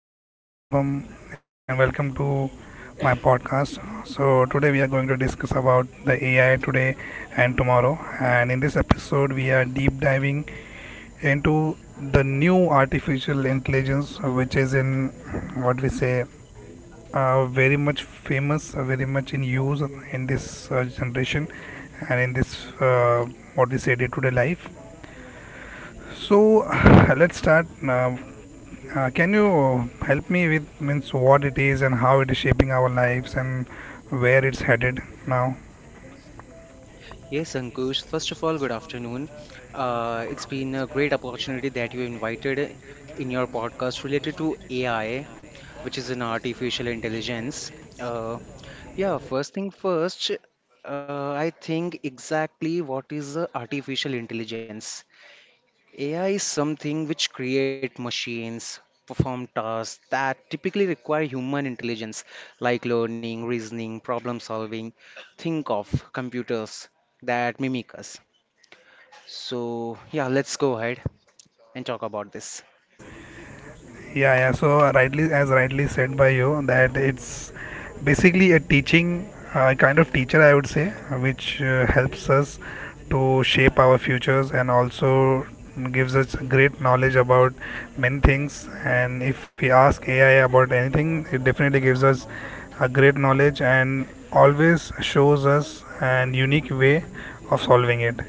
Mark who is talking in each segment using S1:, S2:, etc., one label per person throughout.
S1: Hi, good afternoon, Shubham, and welcome to my podcast. So today we are going to discuss about the AI today and tomorrow. And in this episode, we are deep diving into the new artificial intelligence, which is in what we say very much famous, very much in use in this generation and in this what we say day to day life. So let's start. Um, can you help me with means what it is and how it is shaping our lives and where it's headed now?
S2: Yes, Ankush, first of all, good afternoon. It's been a great opportunity that you invited in your podcast related to AI, which is an artificial intelligence. Uh, yeah, first thing first, I think exactly what is artificial intelligence. AI is something which create machines, perform tasks that typically require human intelligence, like learning, reasoning, problem solving. Think of computers that mimic us. So, yeah, let's go ahead and talk about this.
S1: Yeah, yeah. So rightly, as rightly said by you, that it's basically a teaching kind of teacher, I would say, which helps us to shape our futures and also gives us great knowledge about many things. And if we ask AI about anything, it definitely gives us a great knowledge and always shows us an unique way of solving it.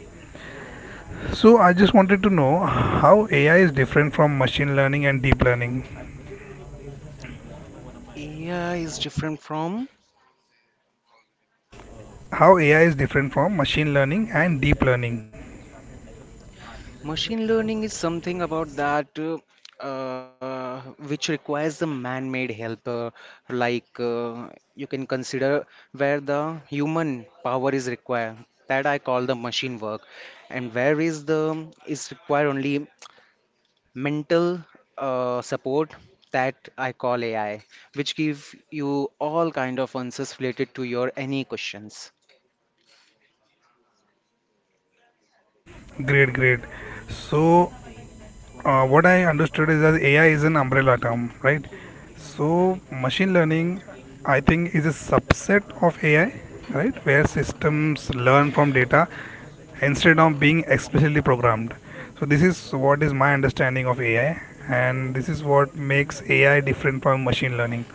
S1: So I just wanted to know how AI is different from machine learning and deep learning.
S2: AI is different from
S1: How AI is different from machine learning and deep learning.
S2: machine learning is something about that uh, which requires the man-made help, like you can consider where the human power is required. That I call the machine work, and where is the is required only mental support that I call AI, which give you all kind of answers related to your any questions.
S1: Great, great. So, what I understood is that AI is an umbrella term, right? So machine learning, I think, is a subset of AI, right? Where systems learn from data instead of being explicitly programmed. So this is what is my understanding of AI, and this is what makes AI different from machine learning.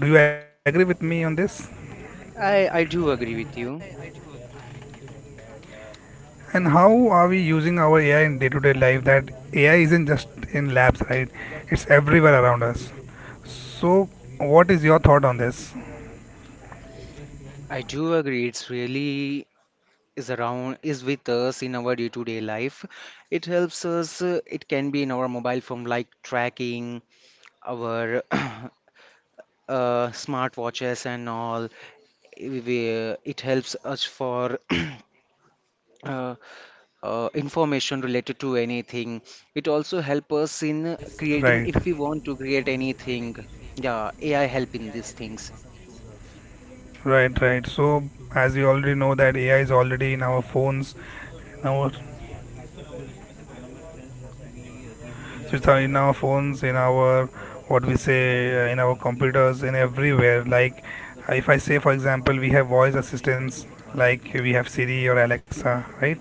S1: Do you agree with me on this?
S2: I do agree with you.
S1: And how are we using our AI in day to day life? That AI isn't just in labs, right? It's everywhere around us. So what is your thought on this?
S2: I do agree. It's really is around is with us in our day-to-day life. It helps us. It can be in our mobile phone, like tracking our smartwatches and all. It helps us for uh, information related to anything. It also help us in creating
S1: Right,
S2: if we want to create anything. Yeah, AI help in these things.
S1: right, right. So, as you already know, that AI is already in our phones, in our so it's in our phones, in our what we say, in our computers, in everywhere. Like, if I say, for example, we have voice assistants, like we have Siri or Alexa, right?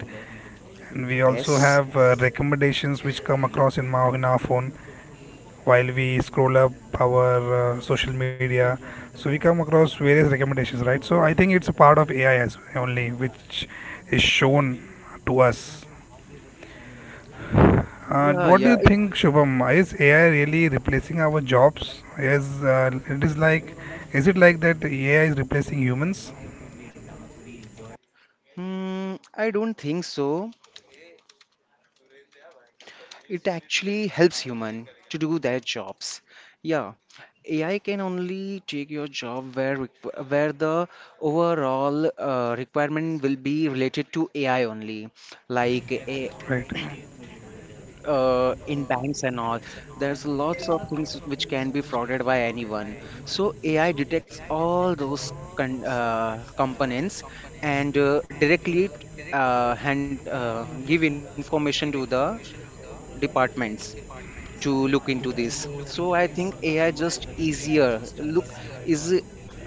S1: And we also
S2: Yes.
S1: have recommendations which come across in, my, in our phone while we scroll up our social media. So we come across various recommendations, right? So I think it's a part of AI as well only, which is shown to us.
S2: Yeah,
S1: What do
S2: yeah.
S1: you think, Shubham? Is AI really replacing our jobs? Is it is like, is it like that AI is replacing humans?
S2: I don't think so. It actually helps human to do their jobs. Yeah, AI can only take your job where the overall requirement will be related to AI only, like a
S1: Right.
S2: in banks and all. There's lots of things which can be frauded by anyone. So AI detects all those con components and directly hand give information to the departments to look into this. So I think AI just easier look is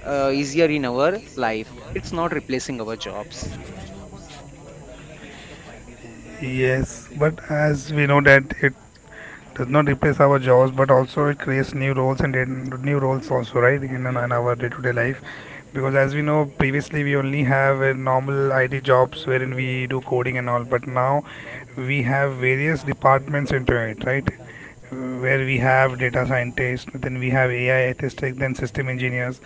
S2: easier in our life. It's not replacing our jobs.
S1: Yes, but as we know that does not replace our jobs but also it creates new roles and new roles also right in our day-to-day life because as we know previously we only have a normal IT jobs wherein we do coding and all, but now we have various departments into it, right, where we have data scientists, then we have AI ethics, then system engineers.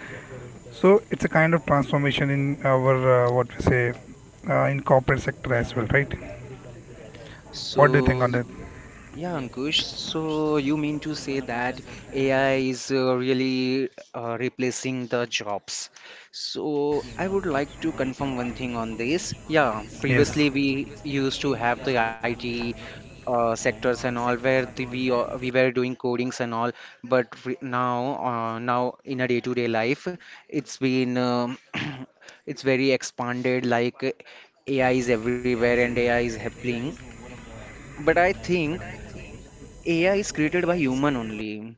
S1: So it's a kind of transformation in our what we say in corporate sector as well, right?
S2: So
S1: What do you think on that?
S2: Yeah, Ankush. So you mean to say that AI is really replacing the jobs? So I would like to confirm one thing on this. Yeah,
S1: Yes.
S2: previously we used to have the IT sectors and all where the, we were doing codings and all, but now in a day-to-day life, it's been it's very expanded. Like AI is everywhere and AI is happening. But I think AI is created by human only.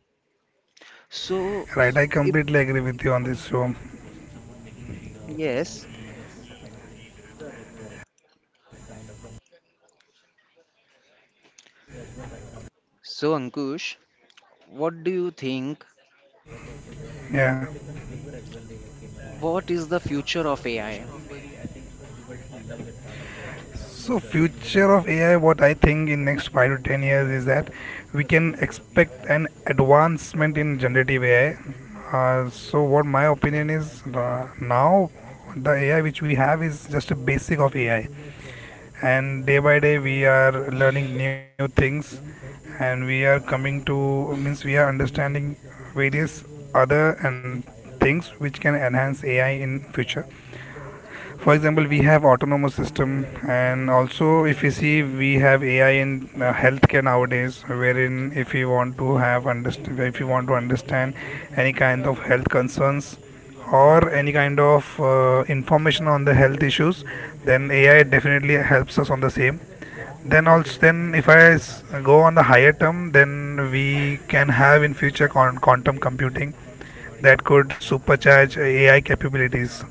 S2: So,
S1: Right, I
S2: if
S1: completely agree with you on this. So
S2: yes, so Ankush, what do you think?
S1: yeah.
S2: What is the future of AI?
S1: So future of AI, what I think in next 5 to 10 years is that we can expect an advancement in generative AI. So what my opinion is now the AI which we have is just a basic of AI, and day by day we are learning new things, and we are coming to means we are understanding various other and things which can enhance AI in future. For example, we have autonomous system and also if you see we have AI in healthcare nowadays, wherein if you want to have understand if you want to understand any kind of health concerns or any kind of information on the health issues, then AI definitely helps us on the same. Then also then if go on the higher term, then we can have in future quantum computing that could supercharge AI capabilities.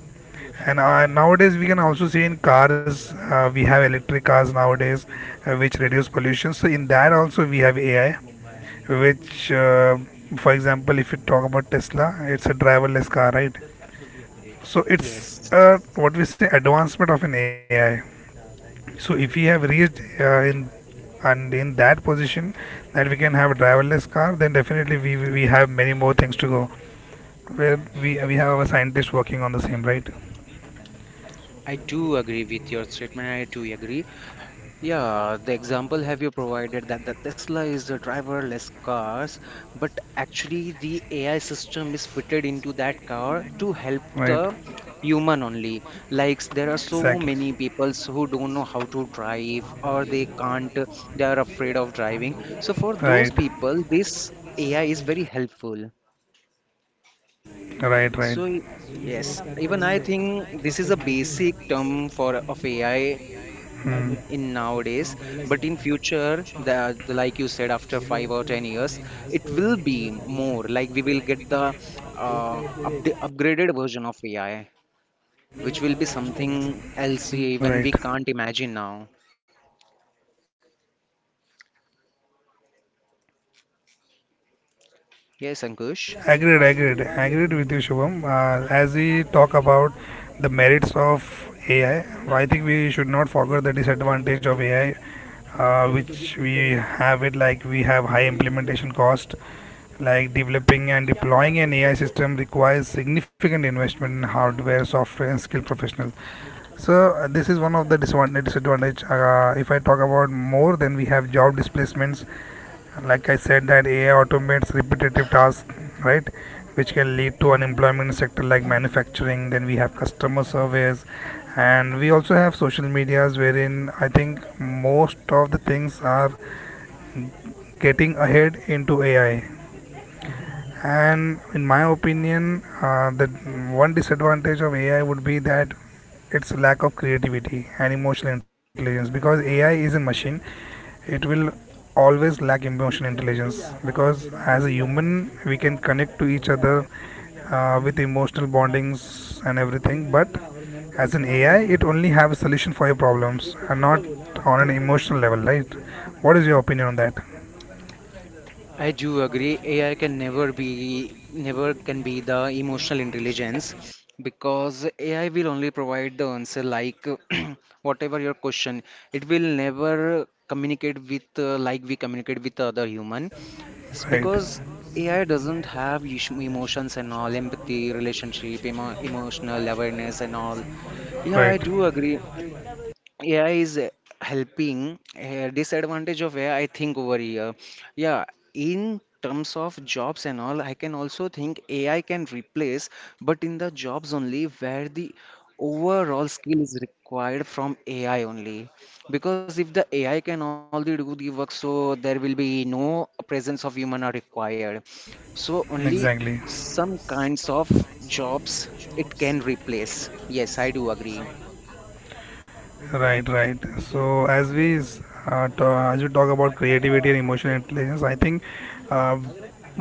S1: And nowadays, we can also see in cars, we have electric cars nowadays, which reduce pollution. So in that also we have AI, which, for example, if you talk about Tesla, it's a driverless car, right? So it's
S2: Yes,
S1: what we say advancement of an AI. So if we have reached in and in that position that we can have a driverless car, then definitely we have many more things to go. Where we have our scientists working on the same, right?
S2: I do agree with your statement. I do agree. Yeah, the example have you provided that the Tesla is a driverless cars, but actually the AI system is fitted into that car to help
S1: Right.
S2: the human only. Like there are so
S1: Exactly.
S2: many peoples who don't know how to drive or they can't, they are afraid of driving. So for those
S1: Right.
S2: people, this AI is very helpful.
S1: Right,
S2: So,
S1: right.
S2: yes, even I think this is a basic term for of AI in
S1: Hmm,
S2: nowadays, but in future, the like you said, after 5 or 10 years, it will be more like we will get the uh, upd upgraded version of AI, which will be something else, even we
S1: right.
S2: can't imagine now. Yes, Ankush.
S1: Agreed, agreed, agreed with you, Shubham. As we talk about the merits of AI, I think we should not forget the disadvantage of AI, which we have it like we have high implementation cost. Like developing and deploying an AI system requires significant investment in hardware, software, and skilled professional. So this is one of the disadvantage. If I talk about more, then we have job displacements like I said that AI automates repetitive tasks, right, which can lead to unemployment sector like manufacturing. Then we have customer service, and we also have social medias wherein I think most of the things are getting ahead into AI. And in my opinion the one disadvantage of AI would be that its lack of creativity and emotional intelligence, because AI is a machine. It will always lack emotional intelligence because as a human we can connect to each other with emotional bondings and everything, but as an AI it only have a solution for your problems and not on an emotional level, right? What is your opinion on that?
S2: I do agree. AI can never be, never can be the emotional intelligence because AI will only provide the answer like whatever your question. It will never communicate with like we communicate with other
S1: Right,
S2: because AI doesn't have emotions and all, empathy, relationship, emotional awareness and all. Yeah, I do
S1: right,
S2: agree. AI is helping. Disadvantage of AI, I think over here. Yeah, in terms of jobs and all, I can also think AI can replace, but in the jobs only where the overall skill is required from AI only. Because if the AI can only do the work, so there will be no presence of human are required. So only
S1: exactly.
S2: some kinds of jobs it can replace. Yes, I do agree.
S1: Right, right. So as as we talk about creativity and emotional intelligence, I think uh,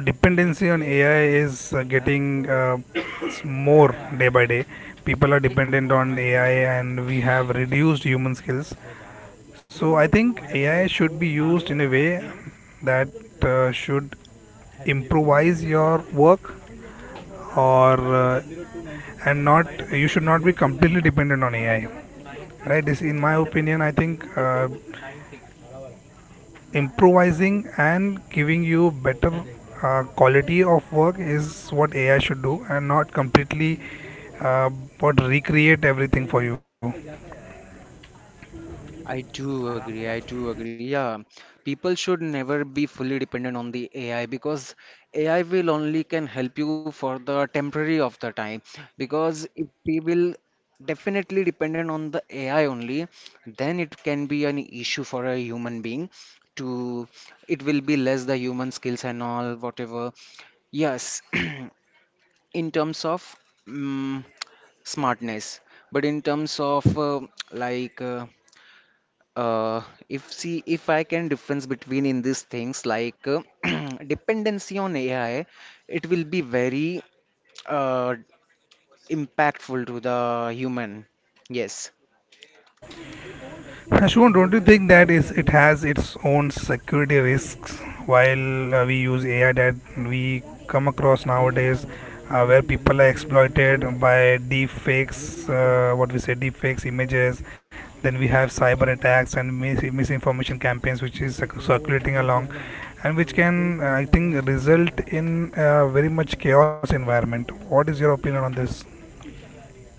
S1: dependency on AI is getting more day by day. People are dependent on AI, and we have reduced human skills. So I think AI should be used in a way that should improvise your work or and not you should not be completely dependent on AI. Right. This, in my opinion, I think. Improvising and giving you better quality of work is what AI should do, and not completely uh, what recreate everything for you.
S2: I do agree. I do agree. Yeah, people should never be fully dependent on the AI because AI will only can help you for the temporary of the time. Because if we will definitely dependent on the AI only, then it can be an issue for a human being to it will be less the human skills and all whatever. Yes, in terms of mm smartness, but in terms of like uh if I can difference between in these things, like dependency on AI, it will be very uh impactful to the human. Yes.
S1: Ashwin, don't you think that is it has its own security risks while we use AI that we come across nowadays, where people are exploited by deep fakes, what we say deep fakes images. Then we have cyber attacks and misinformation campaigns, which is circulating along, and which can, I think, result in very much chaos environment. What is your opinion on this?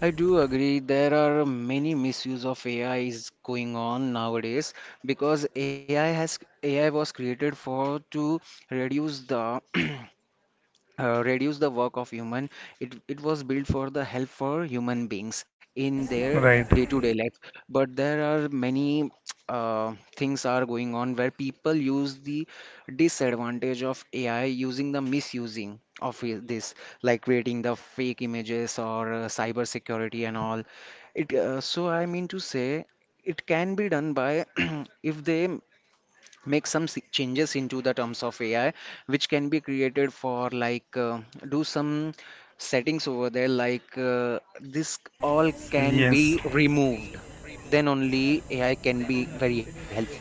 S2: I do agree. There are many misuse of AI is going on nowadays because AI was created for to reduce the reduce the work of human. It was built for the help for human beings in their
S1: Right.
S2: day-to-day life, but there are many things are going on where people use the disadvantage of AI using the misusing of this, like creating the fake images or cyber security and all it so I mean to say it can be done by if they make some changes into the terms of AI, which can be created for like do some settings over there, like this all can be
S1: Yes.
S2: removed. Then only AI can be very helpful.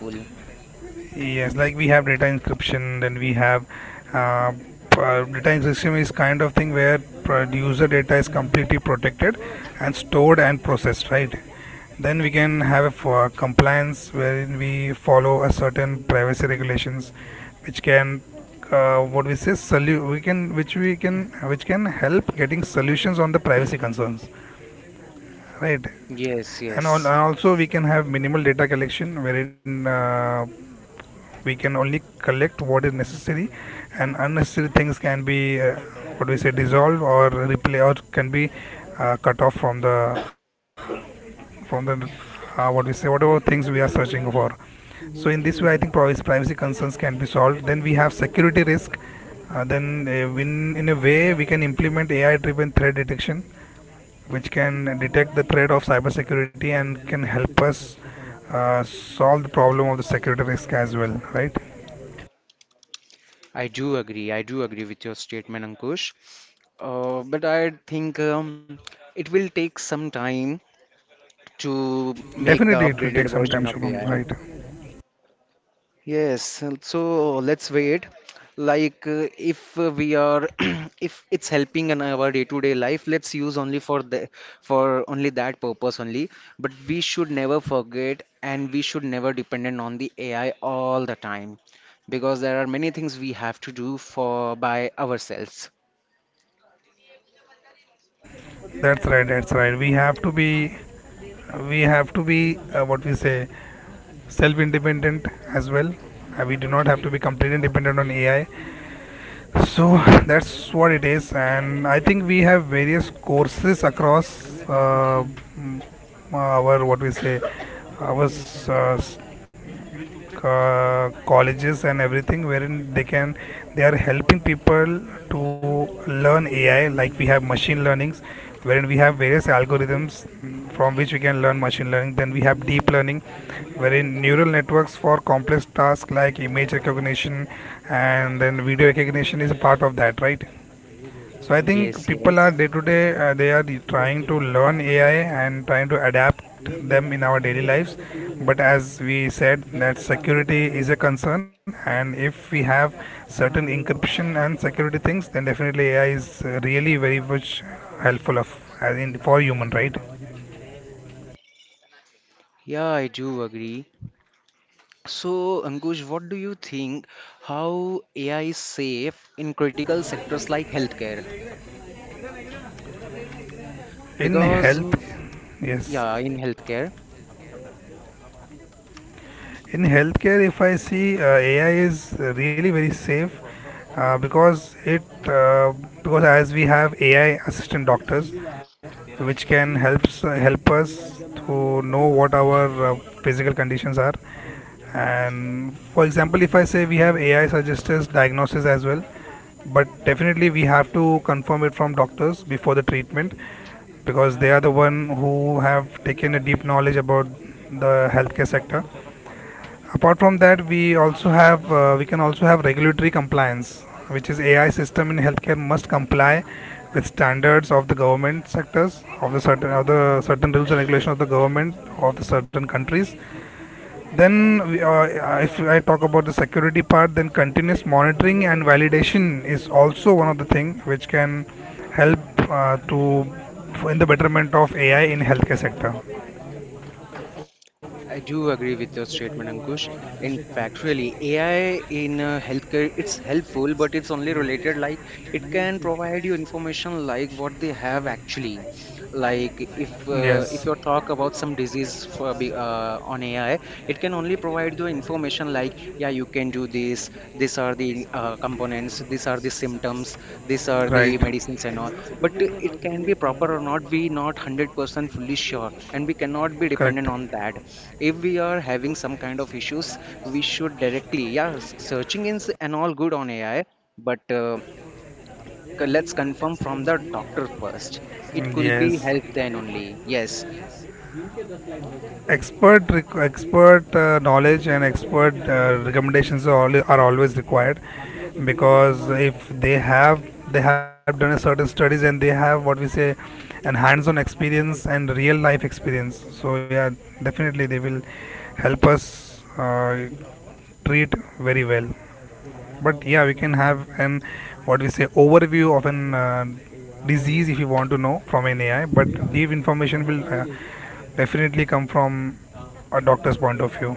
S1: Yes, like we have data encryption, then we have uh, data encryption is kind of thing where user data is completely protected and stored and processed, right? Then we can have a for compliance wherein we follow a certain privacy regulations, which can what we say we can which can help getting solutions on the privacy concerns, right?
S2: Yes,
S1: And, and
S2: yes,
S1: also we can have minimal data collection wherein we can only collect what is necessary, and unnecessary things can be what do we say dissolved or replay or can be cut off from the what we say whatever things we are searching for. So in this way I think privacy concerns can be solved. Then we have security risk, then in a way we can implement AI driven threat detection, which can detect the threat of cybersecurity and can help us solve the problem of the security risk as well, right?
S2: I do agree. I do agree with your statement, Ankush. But I think it will take some time to make the
S1: Definitely, it will take
S2: upgraded
S1: some time,
S2: version of
S1: Shubham.
S2: AI.
S1: Right?
S2: Yes, and so let's wait. Like, if we are, if it's helping in our day-to-day life, let's use only for only that purpose only. But we should never forget, and we should never dependent on the AI all the time, because there are many things we have to do for by ourselves.
S1: That's right. That's right. We have to be what we say, self-independent as well. We do not have to be completely dependent on AI. So that's what it is, and I think we have various courses across mm, our what we say, our colleges and everything, wherein they are helping people to learn AI. Like we have machine learnings, wherein we have various algorithms from which we can learn machine learning. Then we have deep learning, wherein neural networks for complex tasks like image recognition and then video recognition is a part of that, right? So I think
S2: Yes,
S1: people are
S2: yes.
S1: day to day they are trying to learn AI and trying to adapt them in our daily lives. But as we said, that security is a concern, and if we have certain encryption and security things, then definitely AI is really very much helpful of as in for human, right?
S2: Yeah, I do agree. So, Ankush, what do you think? How AI is safe in critical sectors like healthcare?
S1: In
S2: Because
S1: health. Yes.
S2: yeah, in healthcare,
S1: In healthcare, if I see AI is really very safe because it uh, because as we have AI assistant doctors, which can helps help us to know what our physical conditions are. And for example, if I say we have AI suggests diagnosis as well, but definitely we have to confirm it from doctors before the treatment because they are the one who have taken a deep knowledge about the healthcare sector. Apart from that we also have we can also have regulatory compliance, which is AI system in healthcare must comply with standards of the government sectors, of the certain rules and regulations of the government of the certain countries. Then if I talk about the security part, then continuous monitoring and validation is also one of the thing which can help to in the betterment of AI in healthcare sector.
S2: I do agree with your statement, Ankush. In fact, really, AI in healthcare, it's helpful, but it's only related like it can provide you information like what they have actually. Like if uh,
S1: Yes.
S2: if you talk about some disease on AI, it can only provide you information like yeah you can do this, these are the components, these are the symptoms, these are
S1: Right.
S2: the medicines and all. But it can be proper or not, we not 100% fully sure, and we cannot be dependent
S1: Correct.
S2: on that. If we are having some kind of issues, we should directly yeah searching is and all good on AI, but let's confirm from the doctor first. It could be
S1: Yes.
S2: help then only. Yes,
S1: Expert knowledge and expert recommendations are always required, because if they have, they have done a certain studies and they have what we say an hands-on experience and real life experience, so yeah, definitely they will help us treat very well. But yeah, we can have an what we say overview of an disease if you want to know from an AI, but deep information will definitely come from a doctor's point of view.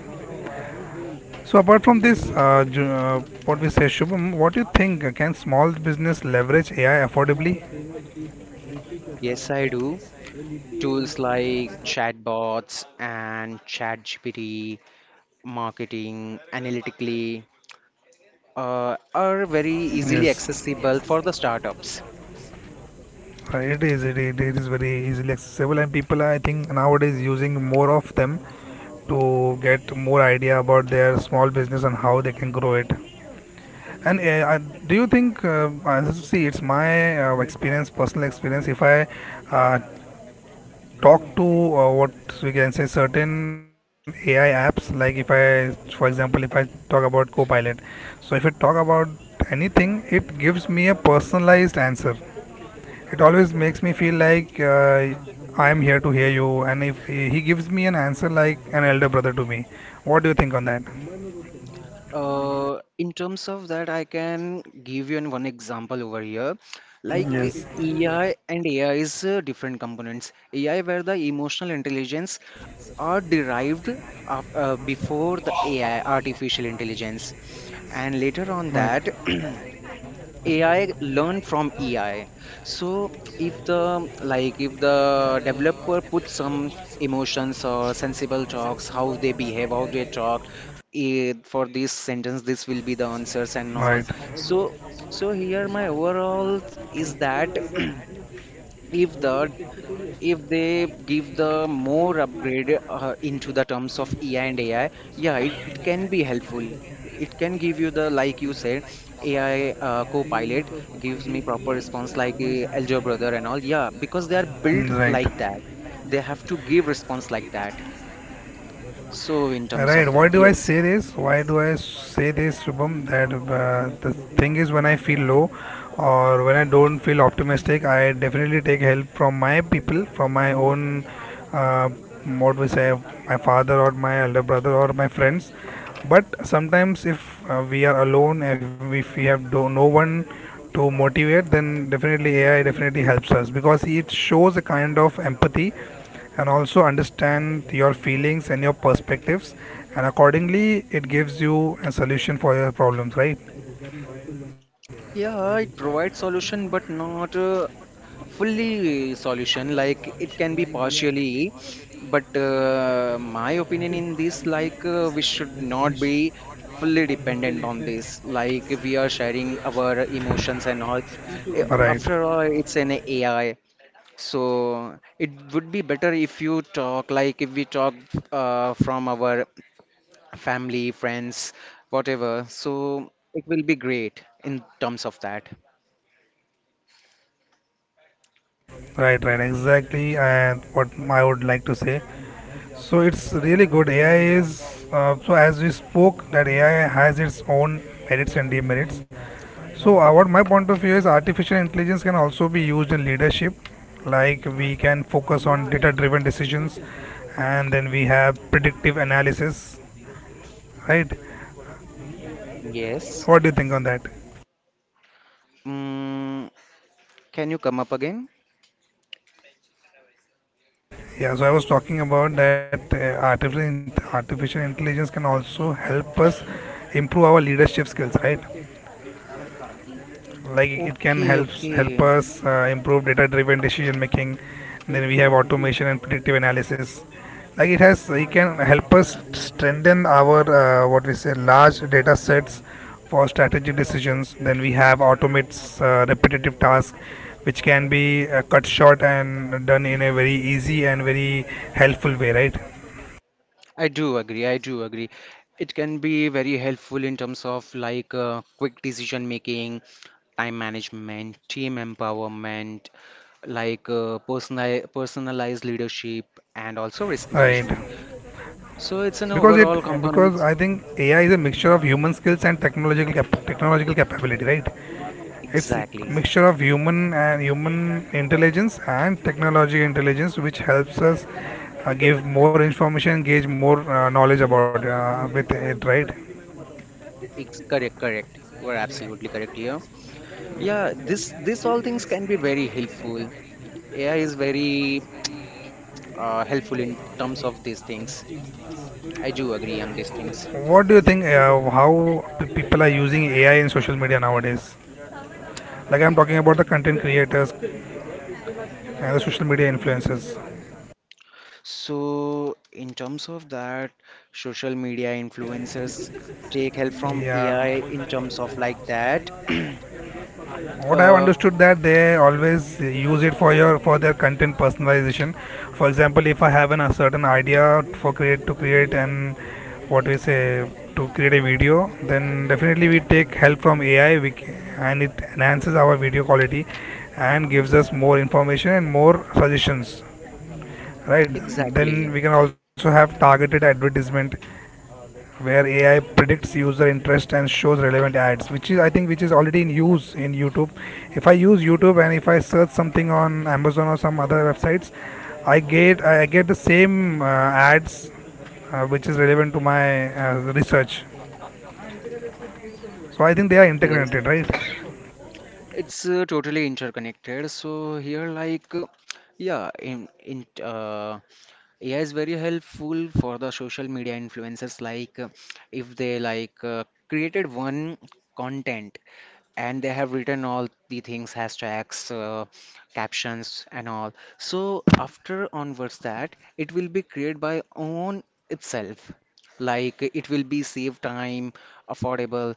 S1: So apart from
S2: I
S1: this
S2: do.
S1: what we say, Shubham, what do you think, can small business leverage AI affordably?
S2: Yes, I do. Tools like chatbots and ChatGPT, marketing, analytically, are very easily
S1: Yes.
S2: accessible for the startups.
S1: It is very easily accessible and people are, I think, nowadays using more of them to get more idea about their small business and how they can grow it. And do you think, see, it's my experience, personal experience. If I uh, talk to what we can say certain AI apps, like if I, for example, if I talk about Copilot, so if I talk about anything, it gives me a personalized answer. It always makes me feel like I am here to hear you, and if he gives me an answer like an elder brother to me, what do you think on that?
S2: In terms of that, I can give you an one example over here. Like
S1: Yes,
S2: AI and AI is different components. AI where the emotional intelligence are derived af before the AI, artificial intelligence. And later on
S1: right.
S2: that, AI learn from AI. So if the like if the developer puts some emotions or sensible talks, how they behave, how they talk, for this sentence, this will be the answers and all.
S1: Right,
S2: So so here my overall is that if the if they give the more upgrade into the terms of AI and AI, yeah, it can be helpful. It can give you the, like you said, AI co gives me proper response like Algebra Brother and all. Yeah, because they are built like that.
S1: right.
S2: They have to give response like that. So in terms of
S1: Right. Why
S2: that,
S1: do I
S2: yes.
S1: say this? Why do I say this, Shubham? That the thing is, when I feel low or when I don't feel optimistic, I definitely take help from my people, from my own, what we say, my father or my elder brother or my friends. But sometimes, if we are alone, if we have, no one to motivate, then definitely AI definitely helps us, because it shows a kind of empathy and also understand your feelings and your perspectives, and accordingly it gives you a solution for your problems, right?
S2: Yeah, it provides solution, but not fully solution. Like it can be partially, but my opinion in this, like we should not be fully dependent on this. Like if we are sharing our emotions and all. After
S1: Right,
S2: all, it's an AI, so it would be better if you talk. Like if we talk from our family, friends, whatever. So it will be great in terms of that.
S1: right, right, exactly. And what I would like to say, so it's really good. AI is, so as we spoke, that AI has its own merits and demerits. So what my point of view is, artificial intelligence can also be used in leadership. Like we can focus on data driven decisions, and then we have predictive analysis, right?
S2: Yes.
S1: What do you think on that?
S2: Mm, can you come up again?
S1: Yeah, so I was talking about that artificial artificial intelligence can also help us improve our leadership skills, right? Like it
S2: Okay,
S1: can help,
S2: okay.
S1: help us improve data driven decision making. Then we have automation and predictive analysis. Like it can help us strengthen our what we say large data sets for strategic decisions. Then we have automates repetitive tasks, which can be cut short and done in a very easy and very helpful way, right?
S2: I do agree. I do agree. It can be very helpful in terms of like quick decision making, time management, team empowerment, like personalized leadership and also risk
S1: Right.
S2: management. So it's an
S1: Because it,
S2: overall
S1: because
S2: component.
S1: I think AI is a mixture of human skills and technological capability, right? It's a
S2: Exactly.
S1: mixture of human and human intelligence and technology intelligence, which helps us give more information, gauge more knowledge about with it, right?
S2: Ex Correct, correct. You are absolutely correct here. Yeah, this all things can be very helpful. AI is very helpful in terms of these things. I do agree on these things.
S1: What do you think, how people are using AI in social media nowadays, like I'm talking about the content creators and the social media influencers?
S2: So, in terms of that, social media influencers take help from
S1: Yeah.
S2: AI in terms of like that.
S1: What I've
S2: uh,
S1: understood that they always use it for your for their content personalization. For example, if I have an, a certain idea for create and what we say to create a video, then definitely we take help from AI, and it enhances our video quality and gives us more information and more suggestions, right? Then
S2: exactly.
S1: we can also have targeted advertisement, where AI predicts user interest and shows relevant ads, which is, I think, which is already in use in YouTube. If I use YouTube and if I search something on Amazon or some other websites, I get the same ads which is relevant to my research. So I think they are
S2: Yes.
S1: integrated, right?
S2: It's totally interconnected. So here, like, yeah, in AI is very helpful for the social media influencers. Like, if they, like, created one content and they have written all the things, hashtags, captions and all, so after onwards that it will be created by own itself, like it will be save time, affordable,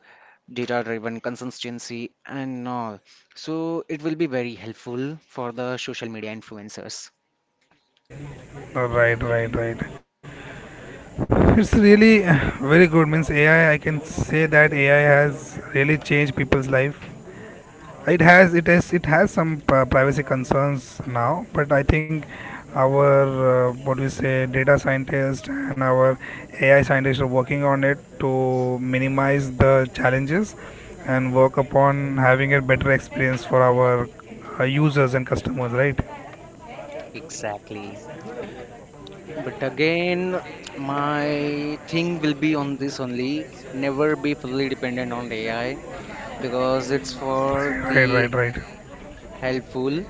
S2: data driven consistency and all, so it will be very helpful for the social media influencers.
S1: Right, right, right. It's really very good. Means AI, I can say that AI has really changed people's life. It has some privacy concerns now, but I think our what we say data scientists and our AI scientists are working on it to minimize the challenges and work upon having a better experience for our users and customers, right?
S2: Exactly. But again, my thing will be on this only, never be fully dependent on AI because it's for
S1: Right, right,
S2: the
S1: right, right.
S2: helpful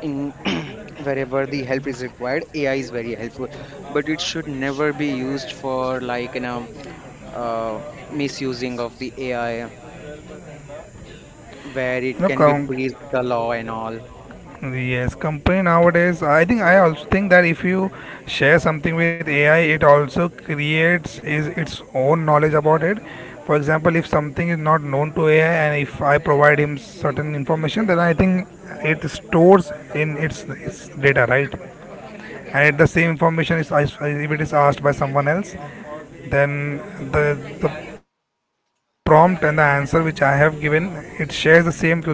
S2: in wherever the help is required, AI is very helpful, but it should never be used for like uh, misusing of the AI where it
S1: know,
S2: can be
S1: com-
S2: breach the law and all.
S1: Yes, company nowadays, I think I also think that if you share something with AI, it also creates is its own knowledge about it. For example, if something is not known to AI and if I provide him certain information, then I think it stores in its data, right? And the same information if it is asked by someone else, then the the prompt and the answer which I have given, it shares the same to the other person, right?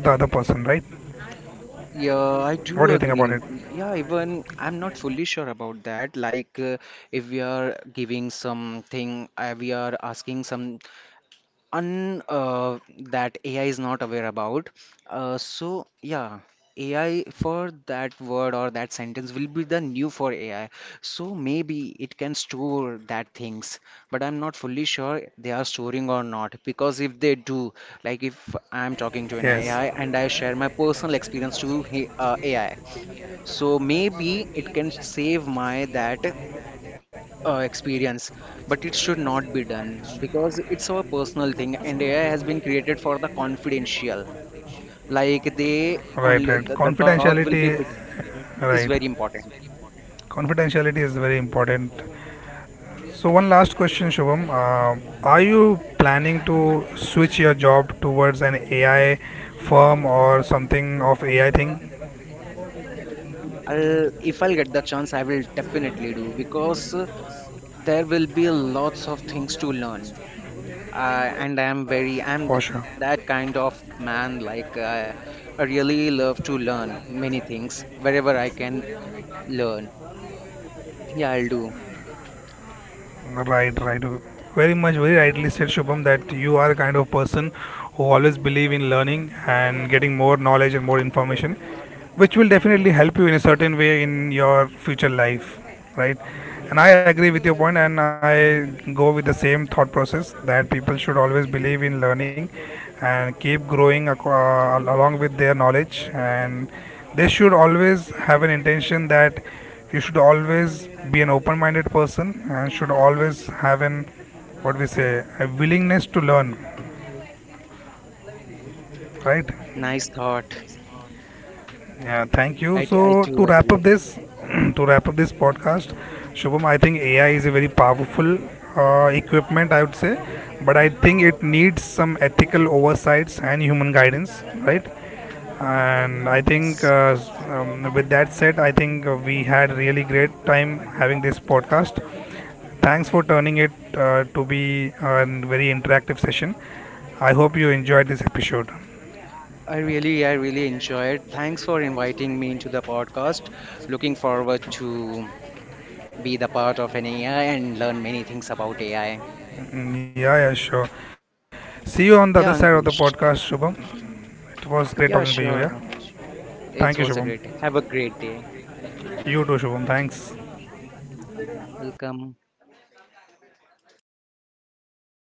S1: What
S2: Yeah,
S1: do you
S2: I
S1: think about it?
S2: do agree. Yeah, even I'm not fully sure about that, like if we are giving something, we are asking some un that AI is not aware about. So yeah, AI for that word or that sentence will be the new for AI. So maybe it can store that things, but I'm not fully sure they are storing or not. Because if they do, like if I'm talking to an
S1: Yes.
S2: AI and I share my personal experience to AI, so maybe it can save my that experience but it should not be done because it's our personal thing and AI has been created for the confidential, like they
S1: Right,
S2: only
S1: right.
S2: the talk will be
S1: Confidentiality,
S2: bit is very
S1: right.
S2: important.
S1: Confidentiality is very important. So, one last question, Shubham. Are you planning to switch your job towards an AI firm or something of AI thing?
S2: If I'll get the chance I will definitely do because there will be lots of things to learn, and
S1: For sure.
S2: I'm that kind of man, like I really love to learn many things wherever I can learn. Yeah, I'll do.
S1: Right, right. Very much, very rightly said, Shubham, that you are a kind of person who always believe in learning and getting more knowledge and more information, which will definitely help you in a certain way in your future life, right? And I agree with your point, and I go with the same thought process that people should always believe in learning and keep growing along with their knowledge, and they should always have an intention, that you should always be an open-minded person and should always have an what we say a willingness to learn, right?
S2: Nice thought.
S1: Yeah, thank
S2: I,
S1: you.
S2: d-
S1: So
S2: I do
S1: to wrap
S2: agree.
S1: up this, to wrap up this podcast, Shubham, I think AI is a very powerful equipment, I would say, but I think it needs some ethical oversights and human guidance, right? And I think
S2: Yes.
S1: with that said, I think we had really great time having this podcast. Thanks for turning it to be a very interactive session. I hope you enjoyed this episode.
S2: I really enjoyed. Thanks for inviting me into the podcast. Looking forward to be the part of an AI and learn many things about AI.
S1: Mm, yeah, yeah, sure. See you on the
S2: Yeah,
S1: other side of the
S2: Ankush.
S1: podcast, Shubham. It was
S2: Yeah,
S1: great talking
S2: sure.
S1: to you. Yeah.
S2: It was a
S1: Thank you,
S2: great.
S1: Shubham.
S2: Have a great day.
S1: You too, Shubham. Thanks.
S2: Welcome.